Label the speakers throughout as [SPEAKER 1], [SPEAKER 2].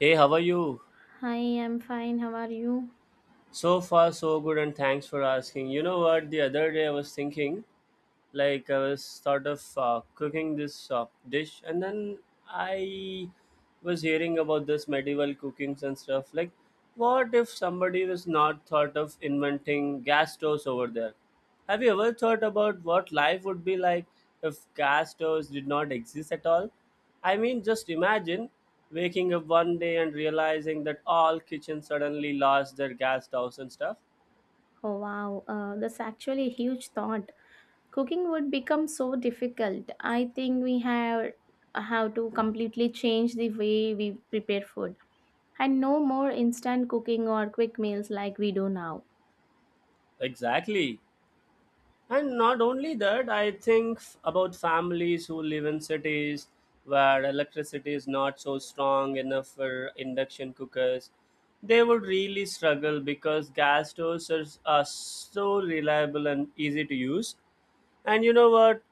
[SPEAKER 1] Hey, how are you?
[SPEAKER 2] Hi, I'm fine. How are you?
[SPEAKER 1] So far, so good, and thanks for asking. You know what? The other day I was thinking, like I was sort of cooking this dish, and then I was hearing about this medieval cookings and stuff. Like, what if somebody was not thought of inventing gas stoves over there? Have you ever thought about what life would be like if gas stoves did not exist at all? I mean, just imagine waking up one day and realizing that all kitchens suddenly lost their gas stoves and stuff.
[SPEAKER 2] Oh, wow. That's actually a huge thought. Cooking would become so difficult. I think we have to completely change the way we prepare food, and no more instant cooking or quick meals like we do now.
[SPEAKER 1] Exactly. And not only that, I think about families who live in cities where electricity is not so strong enough for induction cookers. They would really struggle because gas stoves are so reliable and easy to use. And you know what?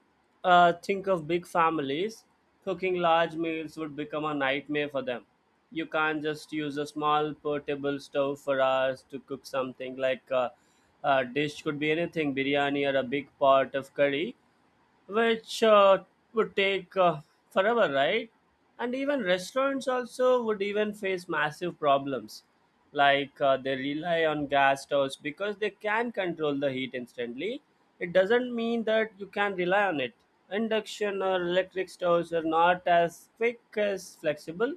[SPEAKER 1] Think of big families. Cooking large meals would become a nightmare for them. You can't just use a small portable stove for hours to cook something like a dish could be anything biryani or a big pot of curry which would take forever, right? And even restaurants also would even face massive problems, like they rely on gas stoves because they can control the heat instantly. It doesn't mean that you can rely on it. Induction or electric stoves are not as quick as flexible,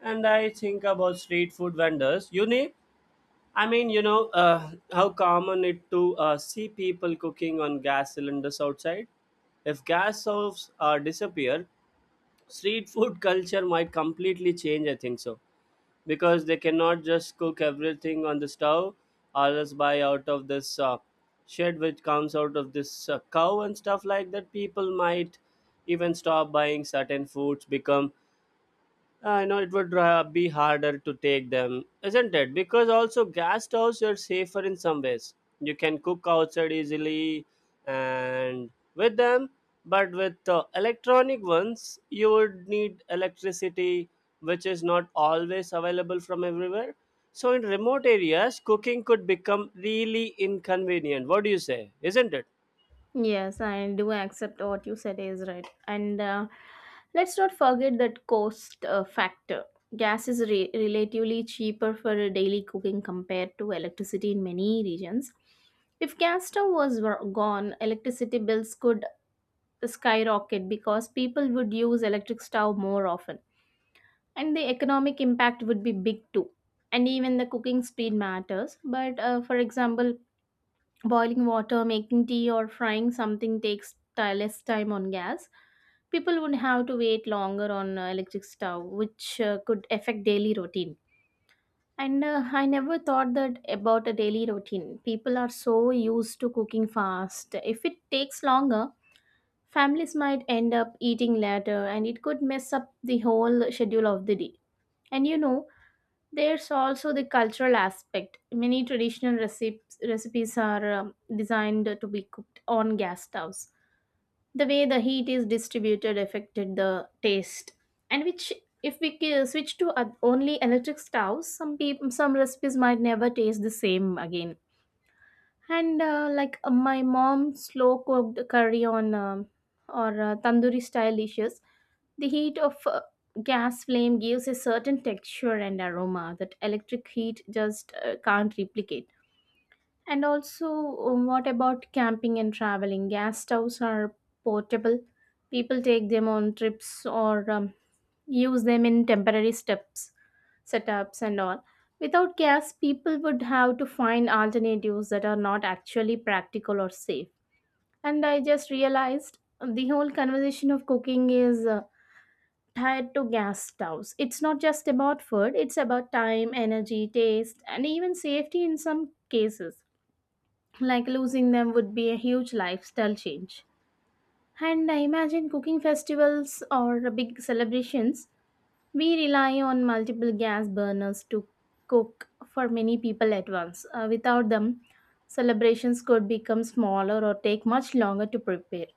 [SPEAKER 1] and I think about street food vendors. You need I mean, you know, How common it to see people cooking on gas cylinders outside. If gas stoves disappear, street food culture might completely change. I think so, because they cannot just cook everything on the stove, or else buy out of this shed which comes out of this cow and stuff like that. People might even stop buying certain foods, become I know it would be harder to take them, isn't it? Because also gas stoves are safer in some ways. You can cook outside easily and with them, but with electronic ones, you would need electricity, which is not always available from everywhere. So in remote areas, cooking could become really inconvenient. What do you say? Isn't it?
[SPEAKER 2] Yes, I do accept what you said is right. And let's not forget that cost factor. Gas is relatively cheaper for a daily cooking compared to electricity in many regions. If gas stove was gone, electricity bills could skyrocket because people would use electric stove more often. And the economic impact would be big too. And even the cooking speed matters. But for example, boiling water, making tea, or frying something takes less time on gas. People would have to wait longer on electric stove, which could affect daily routine. And I never thought that about a daily routine. People are so used to cooking fast. If it takes longer, families might end up eating later, and it could mess up the whole schedule of the day. And there's also the cultural aspect. Many traditional recipes are designed to be cooked on gas stoves. The way the heat is distributed affected the taste, and which if we switch to only electric stoves, some people, some recipes might never taste the same again. And like my mom slow cooked curry on or tandoori style dishes, the heat of a gas flame gives a certain texture and aroma that electric heat just can't replicate. And also, what about camping and traveling? Gas stoves are portable. People take them on trips or use them in setups, and all. Without gas, people would have to find alternatives that are not actually practical or safe. And I just realized the whole conversation of cooking is tied to gas stoves. It's not just about food, it's about time, energy, taste, and even safety in some cases. Like, losing them would be a huge lifestyle change. And I imagine cooking festivals or big celebrations, we rely on multiple gas burners to cook for many people at once. Without them, celebrations could become smaller or take much longer to prepare.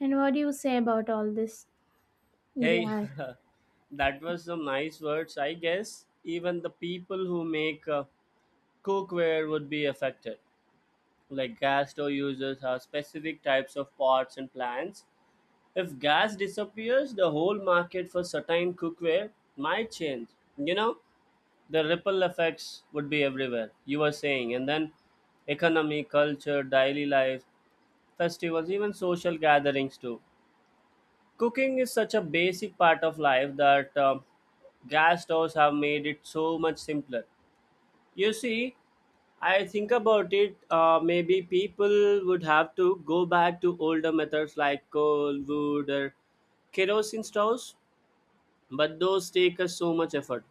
[SPEAKER 2] And what do you say about all this? Would you
[SPEAKER 1] Hey,
[SPEAKER 2] add?
[SPEAKER 1] that was some nice words, I guess. Even the people who make cookware would be affected. Like gas stove uses are specific types of pots and plants. If gas disappears, the whole market for certain cookware might change. You know, the ripple effects would be everywhere. You were saying, and then economy, culture, daily life, festivals, even social gatherings too. Cooking is such a basic part of life that gas stoves have made it so much simpler. You see, I think about it, maybe people would have to go back to older methods like coal, wood, or kerosene stoves, but those take us so much effort.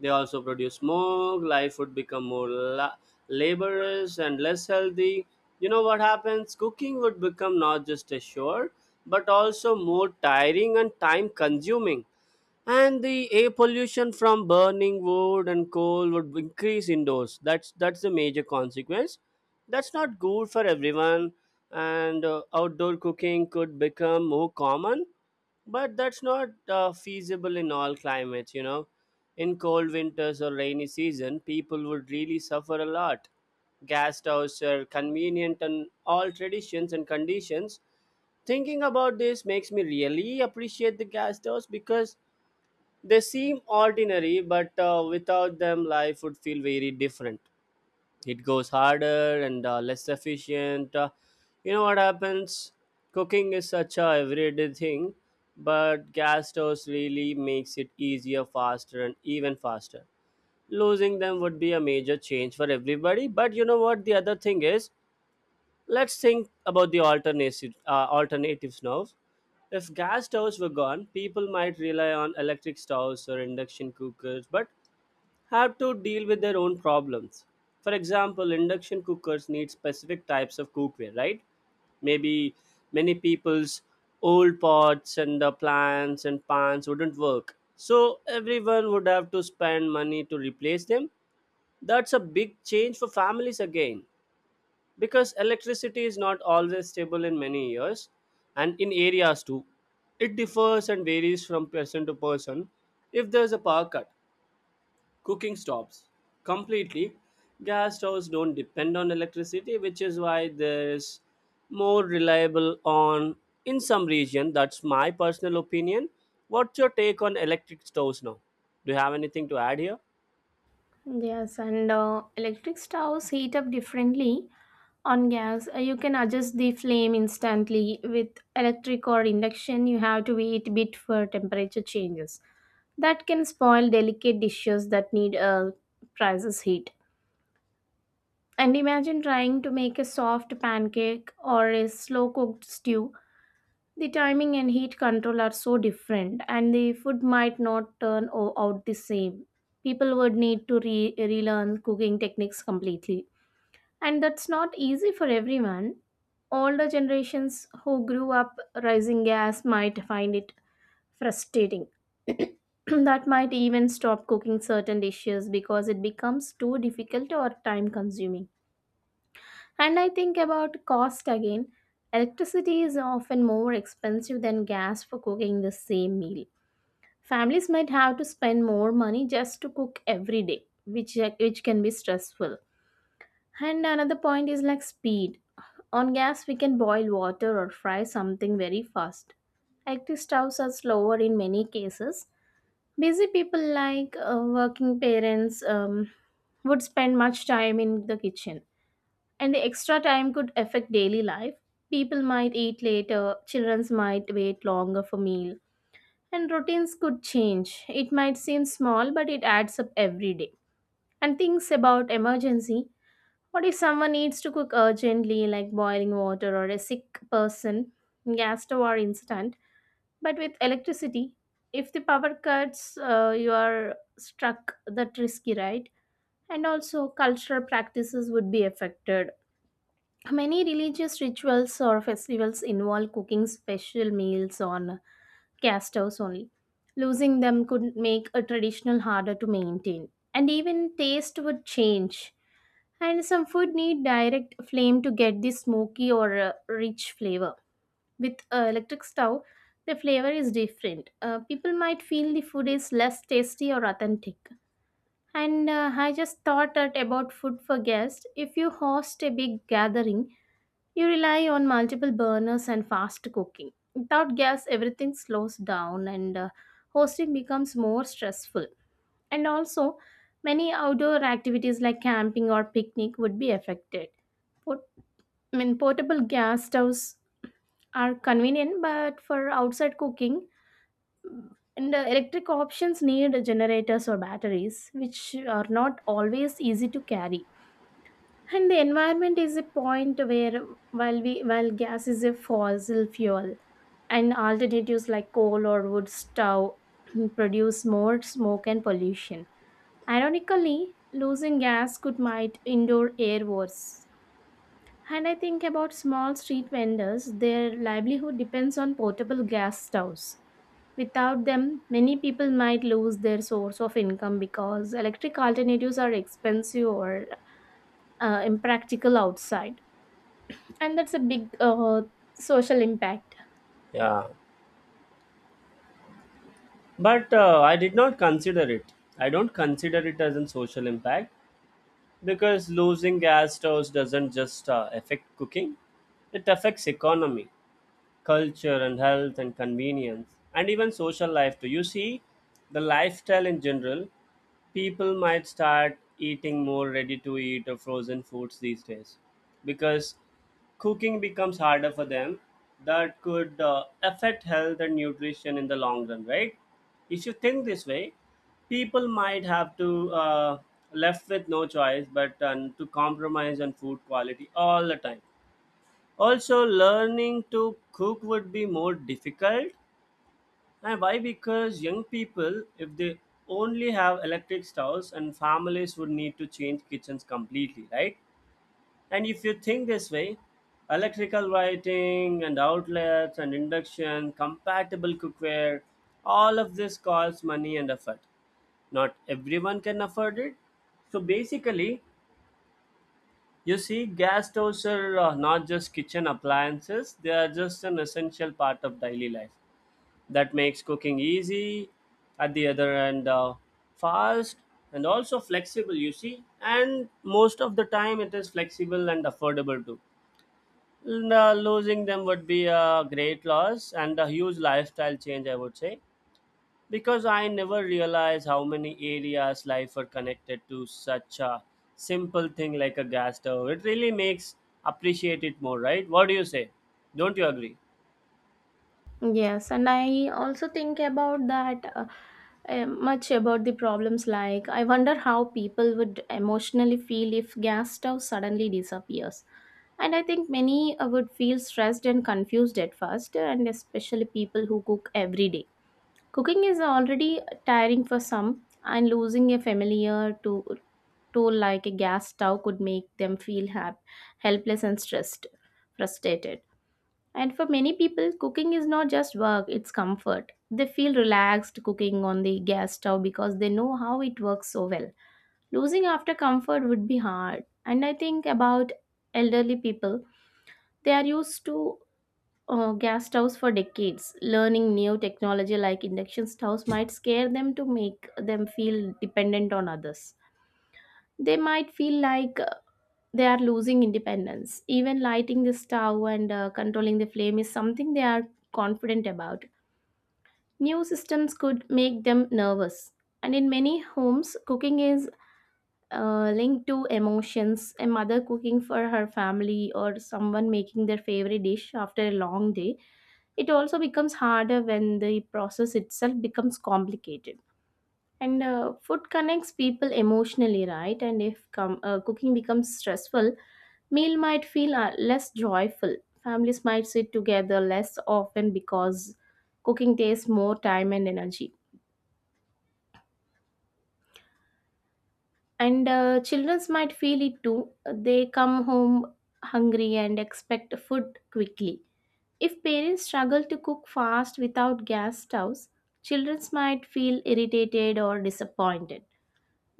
[SPEAKER 1] They also produce smoke, life would become more laborious and less healthy. You know what happens? Cooking would become not just a chore, but also more tiring and time consuming, and the air pollution from burning wood and coal would increase indoors. That's the major consequence. That's not good for everyone. And outdoor cooking could become more common, but that's not feasible in all climates, you know. In cold winters or rainy season, people would really suffer a lot. Gas stoves are convenient and all traditions and conditions. Thinking about this makes me really appreciate the gas stoves because they seem ordinary, but without them, life would feel very different. It goes harder and less efficient. You know what happens? Cooking is such a everyday thing, but gas stoves really makes it easier, faster, and even faster. Losing them would be a major change for everybody. But you know what? The other thing is, let's think about the alternative, alternatives now. If gas stoves were gone, people might rely on electric stoves or induction cookers, but have to deal with their own problems. For example, induction cookers need specific types of cookware, right? Maybe many people's old pots and the plants and pans wouldn't work. So everyone would have to spend money to replace them. That's a big change for families again because electricity is not always stable in many years and in areas too. It differs and varies from person to person. If there's a power cut, cooking stops completely. Gas stoves don't depend on electricity, which is why there's more reliable on in some region. That's my personal opinion. What's your take on electric stoves now? Do you have anything to add here?
[SPEAKER 2] Yes, and electric stoves heat up differently. On gas, you can adjust the flame instantly. With electric or induction, you have to wait a bit for temperature changes. That can spoil delicate dishes that need precise heat. And imagine trying to make a soft pancake or a slow cooked stew. The timing and heat control are so different, and the food might not turn out the same. People would need to relearn cooking techniques completely. And that's not easy for everyone. Older generations who grew up rising gas might find it frustrating. That might even stop cooking certain dishes because it becomes too difficult or time consuming. And I think about cost again. Electricity is often more expensive than gas for cooking the same meal. Families might have to spend more money just to cook every day, which can be stressful. And another point is like speed. On gas, we can boil water or fry something very fast. Active stoves are slower in many cases. Busy people like working parents would spend much time in the kitchen, and the extra time could affect daily life. People might eat later, children might wait longer for meal, and routines could change. It might seem small, but it adds up every day. And things about emergency: what if someone needs to cook urgently, like boiling water or a sick person? Gas stove are instant. But with electricity, if the power cuts, you are struck, that risky, right? And also, cultural practices would be affected. Many religious rituals or festivals involve cooking special meals on gas stoves only. Losing them could make a traditional harder to maintain. And even taste would change, and some food need direct flame to get the smoky or rich flavor. With electric stove, the flavor is different. People might feel the food is less tasty or authentic. And I just thought that about food for guests. If you host a big gathering, you rely on multiple burners and fast cooking. Without gas, everything slows down, and hosting becomes more stressful, and also many outdoor activities like camping or picnic would be affected. Port- I mean, portable gas stoves are convenient, but for outside cooking, and electric options need generators or batteries, which are not always easy to carry. And the environment is a point where, while gas is a fossil fuel, and alternatives like coal or wood stove produce more smoke and pollution. Ironically, losing gas could might indoor air worse. And I think about small street vendors, their livelihood depends on portable gas stoves. Without them, many people might lose their source of income because electric alternatives are expensive or impractical outside. And that's a big social impact.
[SPEAKER 1] Yeah, but I did not consider it. I don't consider it as a social impact. Because losing gas stoves doesn't just affect cooking, it affects economy, culture and health and convenience and even social life too. You see, the lifestyle in general, people might start eating more ready to eat or frozen foods these days because cooking becomes harder for them. That could affect health and nutrition in the long run, right? If you think this way, people might have to left with no choice but to compromise on food quality all the time. Also, learning to cook would be more difficult. And why? Because young people, if they only have electric stoves, and families would need to change kitchens completely, right? And if you think this way, electrical lighting and outlets and induction, compatible cookware, all of this costs money and effort. Not everyone can afford it. So basically, you see, gas stoves are not just kitchen appliances, they are just an essential part of daily life that makes cooking easy, at the other end, fast, and also flexible, you see. And most of the time, it is flexible and affordable too. And losing them would be a great loss and a huge lifestyle change, I would say. Because I never realized how many areas life are connected to such a simple thing like a gas stove. It really makes appreciate it more, right? What do you say? Don't you agree?
[SPEAKER 2] Yes, and I also think about that much about the problems. Like, I wonder how people would emotionally feel if gas stove suddenly disappears. And I think many would feel stressed and confused at first, and especially people who cook every day. Cooking is already tiring for some, and losing a familiar to tool like a gas stove could make them feel helpless and stressed, frustrated. And for many people, cooking is not just work, it's comfort. They feel relaxed cooking on the gas stove because they know how it works so well. Losing after comfort would be hard. And I think about elderly people, they are used to gas stoves for decades. Learning new technology like induction stoves might scare them to make them feel dependent on others. They might feel like they are losing independence. Even lighting the stove and controlling the flame is something they are confident about. New systems could make them nervous. And in many homes, cooking is linked to emotions. A mother cooking for her family, or someone making their favorite dish after a long day. It also becomes harder when the process itself becomes complicated. And food connects people emotionally, right? And if cooking becomes stressful, meal might feel less joyful. Families might sit together less often because cooking takes more time and energy. And children might feel it too. They come home hungry and expect food quickly. If parents struggle to cook fast without gas stoves, children might feel irritated or disappointed.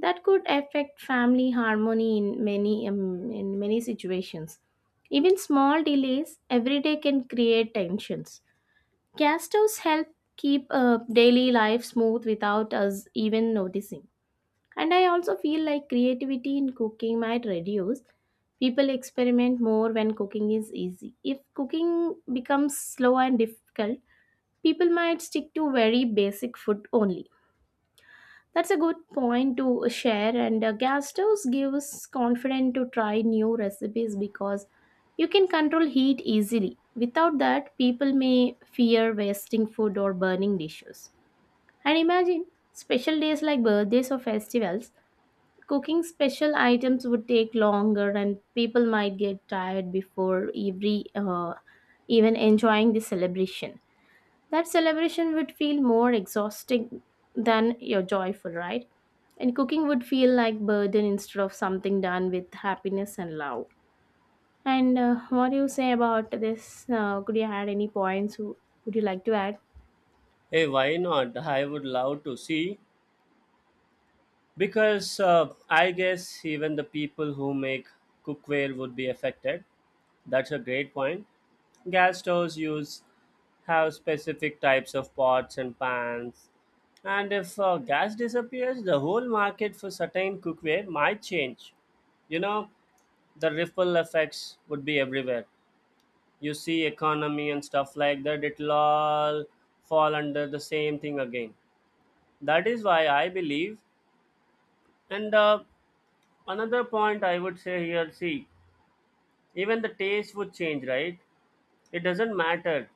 [SPEAKER 2] That could affect family harmony in many situations. Even small delays every day can create tensions. Gas stoves help keep daily life smooth without us even noticing. And I also feel like creativity in cooking might reduce. People experiment more when cooking is easy. If cooking becomes slow and difficult, people might stick to very basic food only. That's a good point to share, and gas stoves gives confidence to try new recipes because you can control heat easily. Without that, people may fear wasting food or burning dishes. And imagine special days like birthdays or festivals. Cooking special items would take longer, and people might get tired before every even enjoying the celebration. That celebration would feel more exhausting than your joyful, right? And cooking would feel like burden instead of something done with happiness and love. And what do you say about this? Could you add any points? Who would you like to add?
[SPEAKER 1] Hey, why not? I would love to see because I guess even the people who make cookware would be affected. That's a great point. Gas stoves use have specific types of pots and pans, and if gas disappears, the whole market for certain cookware might change. You know, the ripple effects would be everywhere. You see economy and stuff like that; it'll all fall under the same thing again. That is why I believe. And another point I would say here, see, even the taste would change, right? It doesn't matter.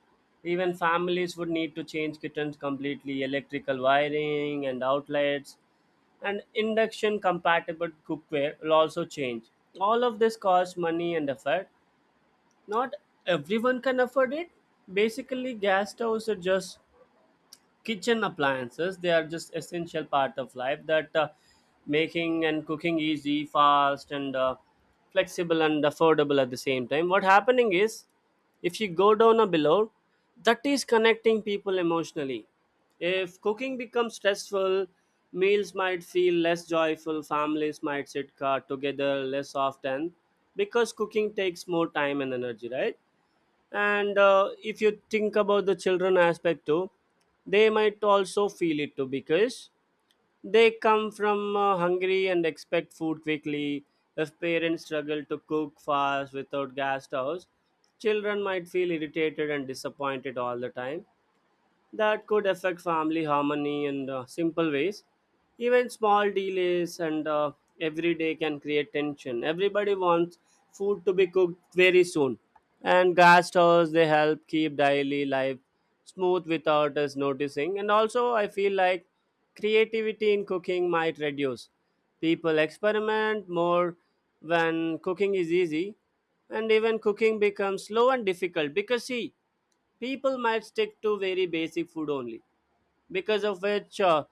[SPEAKER 1] Even families would need to change kittens completely, electrical wiring and outlets, and induction compatible cookware will also change. All of this costs money and effort. Not everyone can afford it. Basically, gas stoves are just kitchen appliances, they are just essential part of life that making and cooking easy, fast and flexible and affordable at the same time. What happening is, if you go down a below, that is connecting people emotionally. If cooking becomes stressful, meals might feel less joyful, families might sit together less often because cooking takes more time and energy, right? And if you think about the children aspect too, they might also feel it too because they come from hungry and expect food quickly. If parents struggle to cook fast without gas stoves, children might feel irritated and disappointed all the time. That could affect family harmony in simple ways. Even small delays and every day can create tension. Everybody wants food to be cooked very soon, and gas stoves they help keep daily life smooth without us noticing. And also, I feel like creativity in cooking might reduce. People experiment more when cooking is easy, and even cooking becomes slow and difficult because see people might stick to very basic food only because of which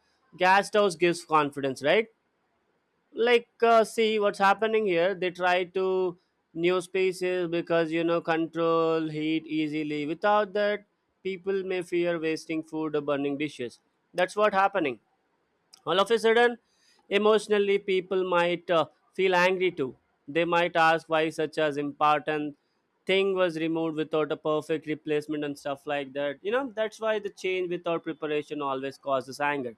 [SPEAKER 1] gas house gives confidence, right? Like see what's happening here, they try to new spaces because you know control heat easily. Without that, people may fear wasting food or burning dishes. That's what happening all of a sudden. Emotionally people might feel angry too. They might ask why such as important thing was removed without a perfect replacement and stuff like that, you know. That's why the change without preparation always causes anger.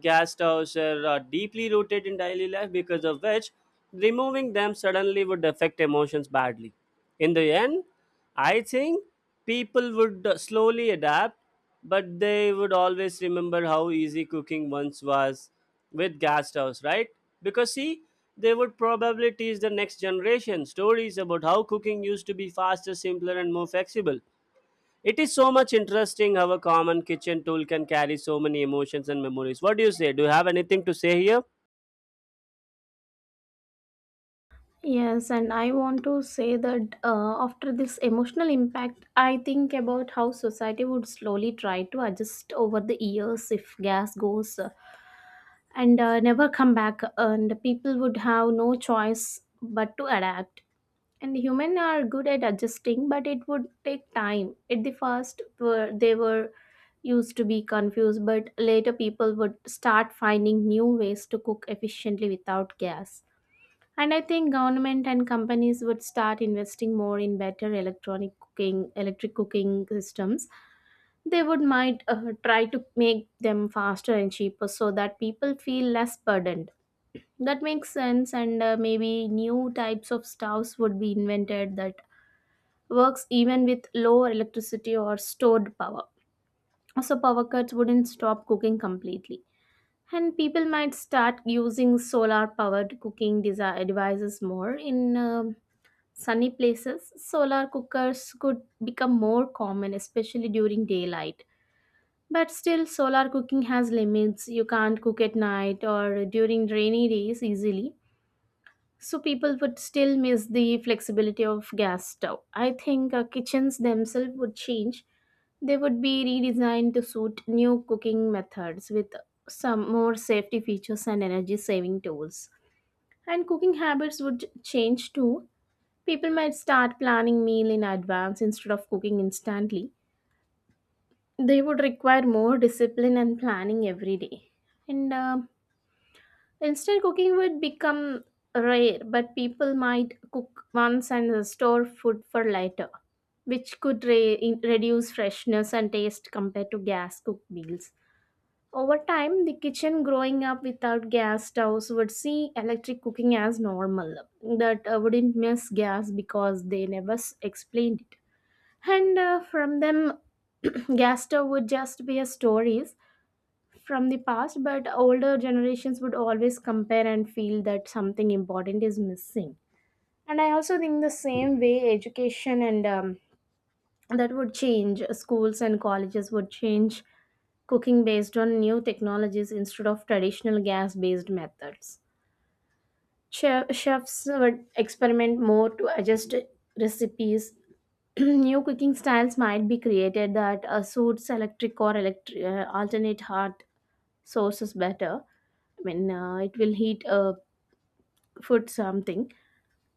[SPEAKER 1] Gas stoves are deeply rooted in daily life because of which removing them suddenly would affect emotions badly. In the end, I think people would slowly adapt, but they would always remember how easy cooking once was with gas stoves, right? Because see, they would probably teach the next generation stories about how cooking used to be faster, simpler, and more flexible. It is so much interesting how a common kitchen tool can carry so many emotions and memories. What do you say? Do you have anything to say here?
[SPEAKER 2] Yes, and I want to say that after this emotional impact, I think about how society would slowly try to adjust over the years if gas goes and never come back, and people would have no choice but to adapt. And humans are good at adjusting, but it would take time. At the first, were they were used to be confused, but later people would start finding new ways to cook efficiently without gas. And I think government and companies would start investing more in better electric cooking systems. They would might try to make them faster and cheaper so that people feel less burdened. That makes sense, and maybe new types of stoves would be invented that works even with low electricity or stored power. So power cuts wouldn't stop cooking completely. And people might start using solar powered cooking devices more in sunny places. Solar cookers could become more common, especially during daylight. But still, solar cooking has limits. You can't cook at night or during rainy days easily. So, people would still miss the flexibility of gas stove. I think kitchens themselves would change. They would be redesigned to suit new cooking methods with some more safety features and energy saving tools. And cooking habits would change too. People might start planning meal in advance instead of cooking instantly. They would require more discipline and planning every day. And Instant cooking would become rare, but people might cook once and store food for later, which could reduce freshness and taste compared to gas cooked meals. Over time, the kitchen growing up without gas stoves would see electric cooking as normal, that wouldn't miss gas because they never explained it. And from them, Gaster would just be a stories from the past, but older generations would always compare and feel that something important is missing. And I also think the same way education and that would change. Schools and colleges would change cooking based on new technologies instead of traditional gas based methods. Chefs would experiment more to adjust recipes. New cooking styles might be created that suits electric or electric alternate hot sources better. I mean, it will heat food something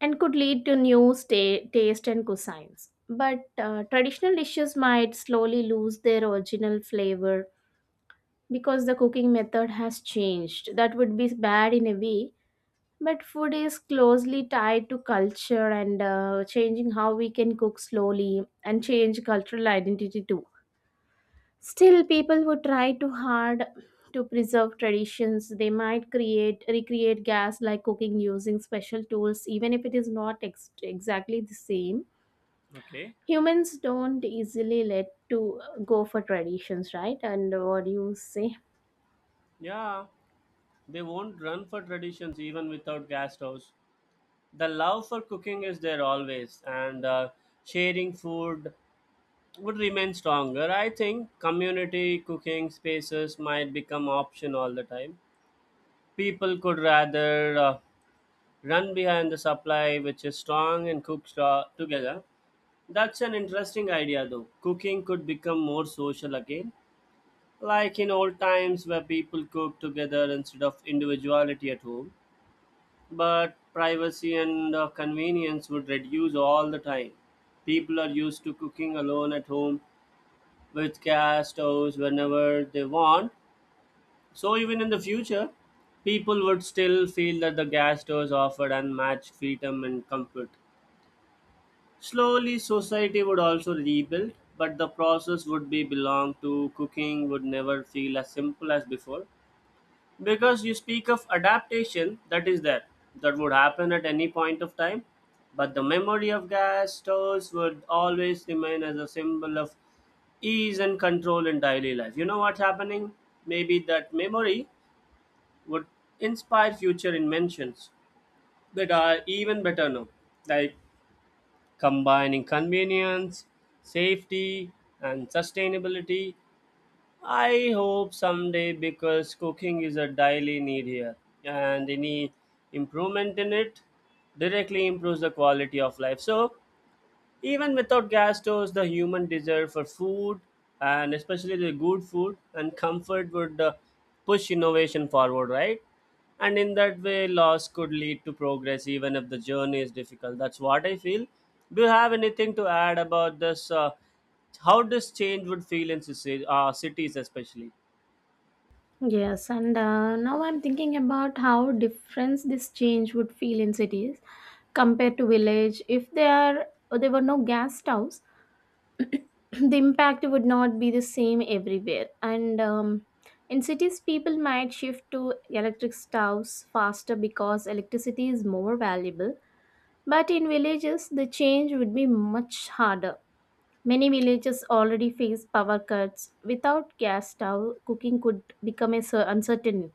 [SPEAKER 2] and could lead to new taste and cuisines. But traditional dishes might slowly lose their original flavor because the cooking method has changed. That would be bad in a way. But food is closely tied to culture and changing how we can cook slowly and change cultural identity too. Still, people would try too hard to preserve traditions. They might recreate gas like cooking using special tools, even if it is not exactly the same.
[SPEAKER 1] Okay.
[SPEAKER 2] Humans don't easily let to go for traditions, right? And what do you say?
[SPEAKER 1] Yeah. They won't run for traditions even without gas stoves. The love for cooking is there always, and sharing food would remain stronger. I think community cooking spaces might become option all the time. People could rather run behind the supply, which is strong, and together. That's an interesting idea, though. Cooking could become more social again, like in old times where people cooked together instead of individuality at home. But privacy and convenience would reduce all the time. People are used to cooking alone at home with gas stoves whenever they want. So, even in the future, people would still feel that the gas stoves offered unmatched freedom and comfort. Slowly, society would also rebuild, but the process would be belong to cooking would never feel as simple as before, because you speak of adaptation that is there, that would happen at any point of time, but the memory of gas stoves would always remain as a symbol of ease and control in daily life. You know what's happening? Maybe that memory would inspire future inventions that are even better now, like combining convenience, safety, and sustainability. I hope someday because cooking is a daily need here, and any improvement in it directly improves the quality of life. So, even without gas stoves, the human desire for food, and especially the good food and comfort, would push innovation forward, right? And in that way, loss could lead to progress, even if the journey is difficult. That's what I feel. Do you have anything to add about this? How this change would feel in cities, cities especially?
[SPEAKER 2] Yes, and now I'm thinking about how different this change would feel in cities compared to village if there they were no gas stoves. The impact would not be the same everywhere, and in cities people might shift to electric stoves faster because electricity is more valuable, but in villages the change would be much harder. Many villages already face power cuts. Without gas stove cooking could become a uncertain,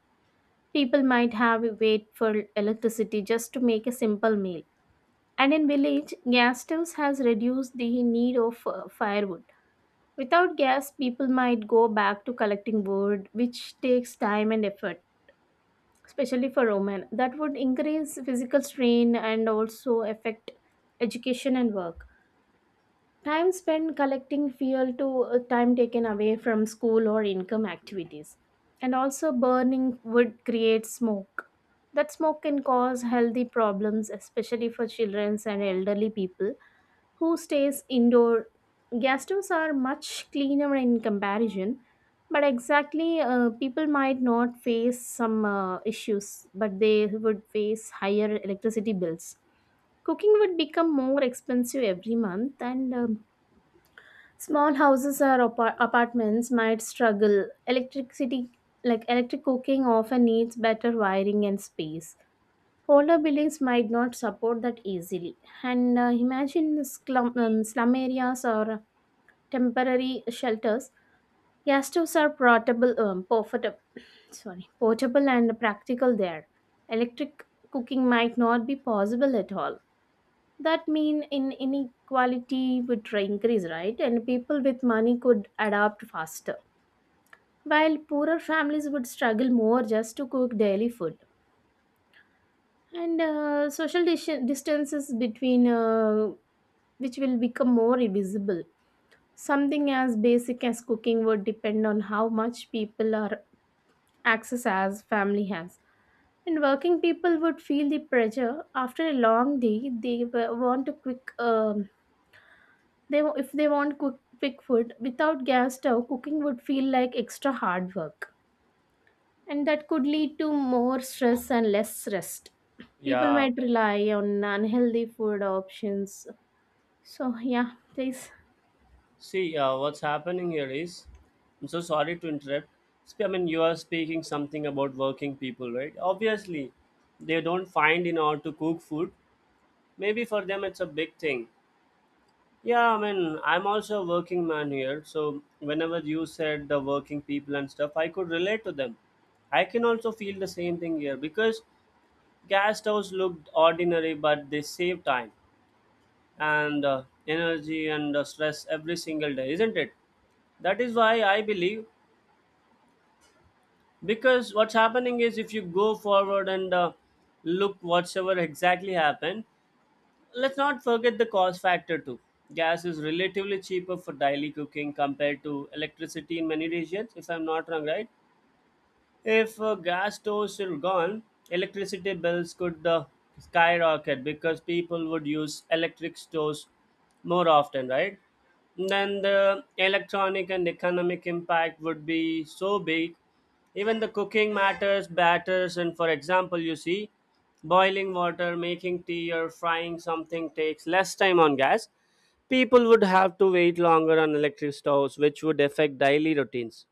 [SPEAKER 2] people might have to wait for electricity just to make a simple meal. And in village gas stoves has reduced the need of firewood. Without gas, people might go back to collecting wood, which takes time and effort, especially for women. That would increase physical strain and also affect education and work. Time spent collecting fuel to time taken away from school or income activities. And also, burning wood creates smoke. That smoke can cause healthy problems, especially for children and elderly people who stays indoor. Gas stoves are much cleaner in comparison, but exactly, people might not face some issues, but they would face higher electricity bills. Cooking would become more expensive every month, and small houses or apartments might struggle. Electricity, like electric cooking, often needs better wiring and space. Older buildings might not support that easily. And imagine slum, slum areas or temporary shelters. Gas stoves are portable, sorry, portable and practical there. Electric cooking might not be possible at all. That mean in inequality would increase, right? And people with money could adapt faster, while poorer families would struggle more just to cook daily food. And social distances between which will become more invisible, something as basic as cooking would depend on how much people are access as family has. And working people would feel the pressure. After a long day they want a quick they if they want quick food without gas stove cooking would feel like extra hard work and that could lead to more stress and less rest. People
[SPEAKER 1] Yeah.
[SPEAKER 2] might rely on unhealthy food options. So yeah, this
[SPEAKER 1] See, what's happening here is, I'm so sorry to interrupt. I mean, you are speaking something about working people, right? Obviously, they don't find in order to cook food. Maybe for them it's a big thing. Yeah, I mean, I'm also a working man here. So whenever you said the working people and stuff, I could relate to them. I can also feel the same thing here because gas stoves looked ordinary, but they save time and energy and stress every single day, isn't it? That is why I believe, because what's happening is if you go forward and look whatsoever exactly happened, let's not forget the cost factor too. Gas is relatively cheaper for daily cooking compared to electricity in many regions, if I'm not wrong, right? If gas stoves were gone, electricity bills could skyrocket because people would use electric stoves more often, right? Then the electronic and economic impact would be so big. Even the cooking matters, batters, and for example, you see, boiling water, making tea, or frying something takes less time on gas. People would have to wait longer on electric stoves, which would affect daily routines,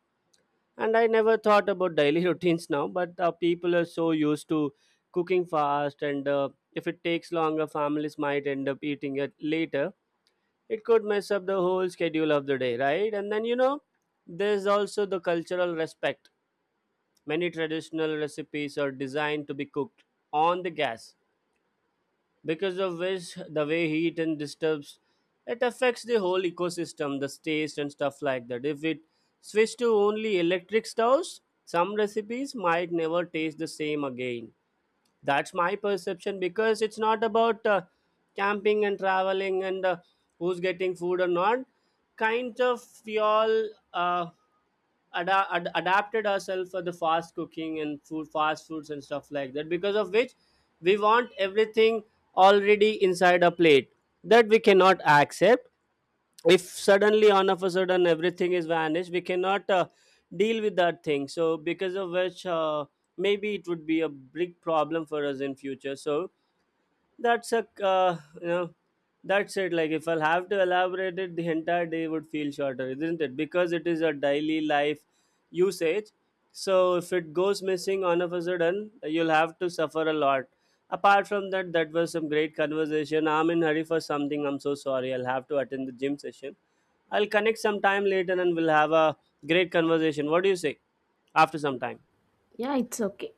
[SPEAKER 1] and I never thought about daily routines now, but people are so used to cooking fast, and if it takes longer, families might end up eating it later. It could mess up the whole schedule of the day, right? And then, you know, there's also the cultural respect. Many traditional recipes are designed to be cooked on the gas, because of which the way heat and disturbs, it affects the whole ecosystem, the taste and stuff like that. If it switch to only electric stoves, some recipes might never taste the same again. That's my perception, because it's not about camping and traveling and who's getting food or not. Kind of we all uh, adapted ourselves for the fast cooking and food, fast foods and stuff like that, because of which we want everything already inside a plate, that we cannot accept. If suddenly on of a sudden everything is vanished, we cannot deal with that thing. So because of which maybe it would be a big problem for us in future. So that's a you know, that's it. Like if I'll have to elaborate it, the entire day would feel shorter, isn't it? Because it is a daily life usage. So if it goes missing all of a sudden, you'll have to suffer a lot. Apart from that, that was some great conversation. I'm in hurry for something. I'm so sorry. I'll have to attend the gym session. I'll connect sometime later and we'll have a great conversation. What do you say? After some time.
[SPEAKER 2] yeah, it's okay.